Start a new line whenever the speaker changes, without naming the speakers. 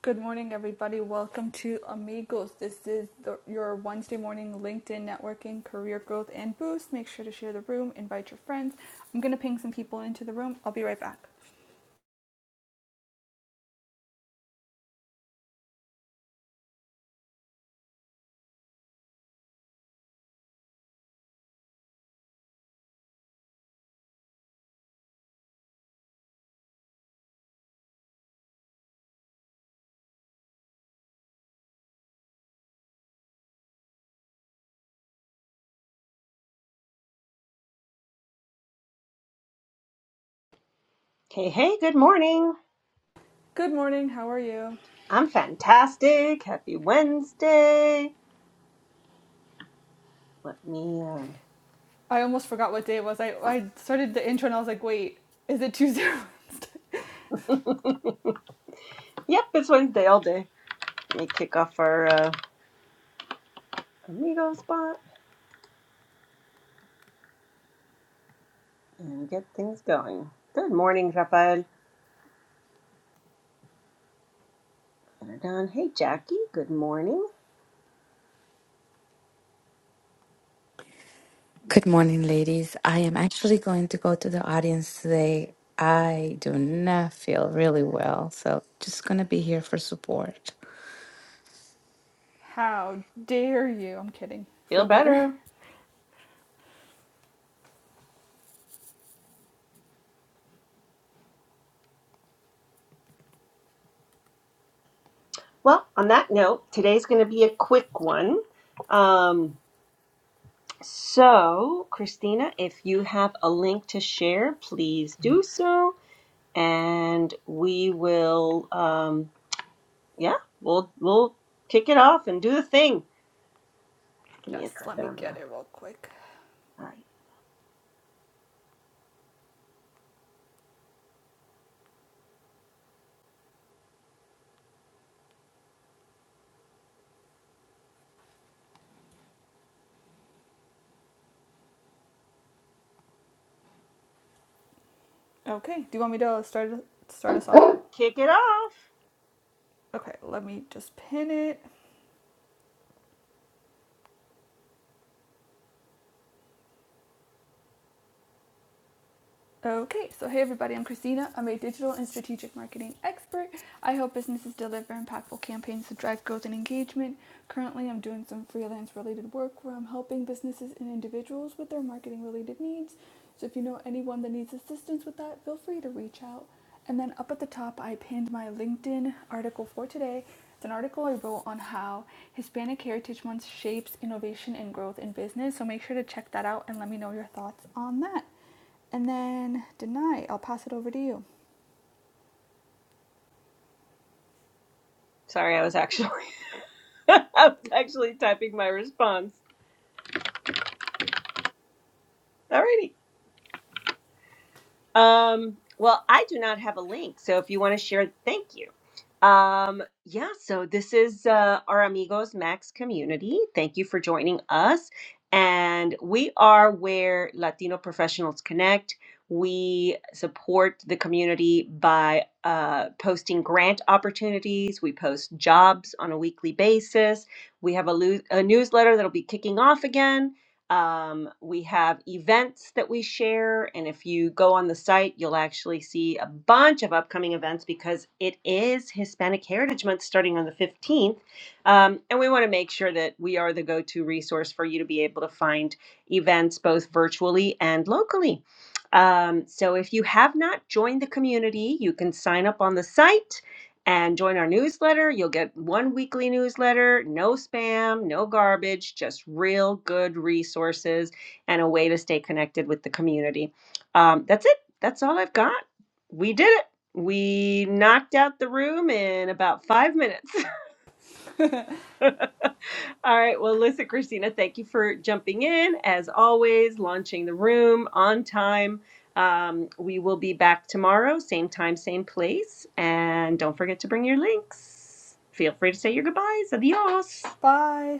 Good morning, everybody. Welcome to Amigos. This is the, your Wednesday morning LinkedIn networking, career growth, and boost. Make sure to share the room, invite your friends. I'm going to ping some people into the room. I'll be right back.
Hey, hey, good morning.
Good morning. How are you?
I'm fantastic. Happy Wednesday. Let me, uh...
I almost forgot what day it was. I, I started the intro and I was like, wait, is it Tuesday or Wednesday?
yep, it's Wednesday all day. Let me kick off our uh, amigo spot and get things going. Good morning, Rafael. Get her done. Hey, Jackie, good morning.
Good morning, ladies. I am actually going to go to the audience today. I do not feel really well, so just going to be here for support.
How dare you? I'm kidding. Feel
Feel
better.
better. Well, on that note, today's going to be a quick one. Um, so, Christina, if you have a link to share, please do so and we will um yeah we'll we'll kick it off and do the thing give me a
Yes,
second
let me
i'm
get
gonna
it real quick.
all right
Okay, do you want me to start start us off?
kick it off
Okay, let me just pin it. Okay, so hey everybody, I'm Christina. I'm a digital and strategic marketing expert. I help businesses deliver impactful campaigns to drive growth and engagement. Currently, I'm doing some freelance related work where I'm helping businesses and individuals with their marketing related needs. So if you know anyone that needs assistance with that, feel free to reach out. And then up at the top, I pinned my LinkedIn article for today. It's an article I wrote on how Hispanic Heritage Month shapes innovation and growth in business. So make sure to check that out and let me know your thoughts on that. And then, deny. I'll pass it over to you.
sorry i was actually i was actually typing my response alrighty Um, well, I do not have a link, so if you want to share, thank you. Um, yeah, so this is uh, our Amigos Max community. Thank you for joining us. And we are where Latino professionals connect. We support the community by uh, posting grant opportunities. We post jobs on a weekly basis. We have a, lo- a newsletter that'll be kicking off again um, we have events that we share, and if you go on the site, you'll actually see a bunch of upcoming events because it is Hispanic Heritage Month starting on the 15th. Um, and we want to make sure that we are the go to resource for you to be able to find events both virtually and locally. Um, so if you have not joined the community, you can sign up on the site and join our newsletter. You'll get one weekly newsletter, no spam, no garbage, just real good resources and a way to stay connected with the community. Um, that's it. That's all I've got. We did it. We knocked out the room in about five minutes. All right. Well, listen, Christina, thank you for jumping in as always, launching the room on time. Um, we will be back tomorrow, same time, same place. And don't forget to bring your links. Feel free to say your goodbyes. Adios.
Bye.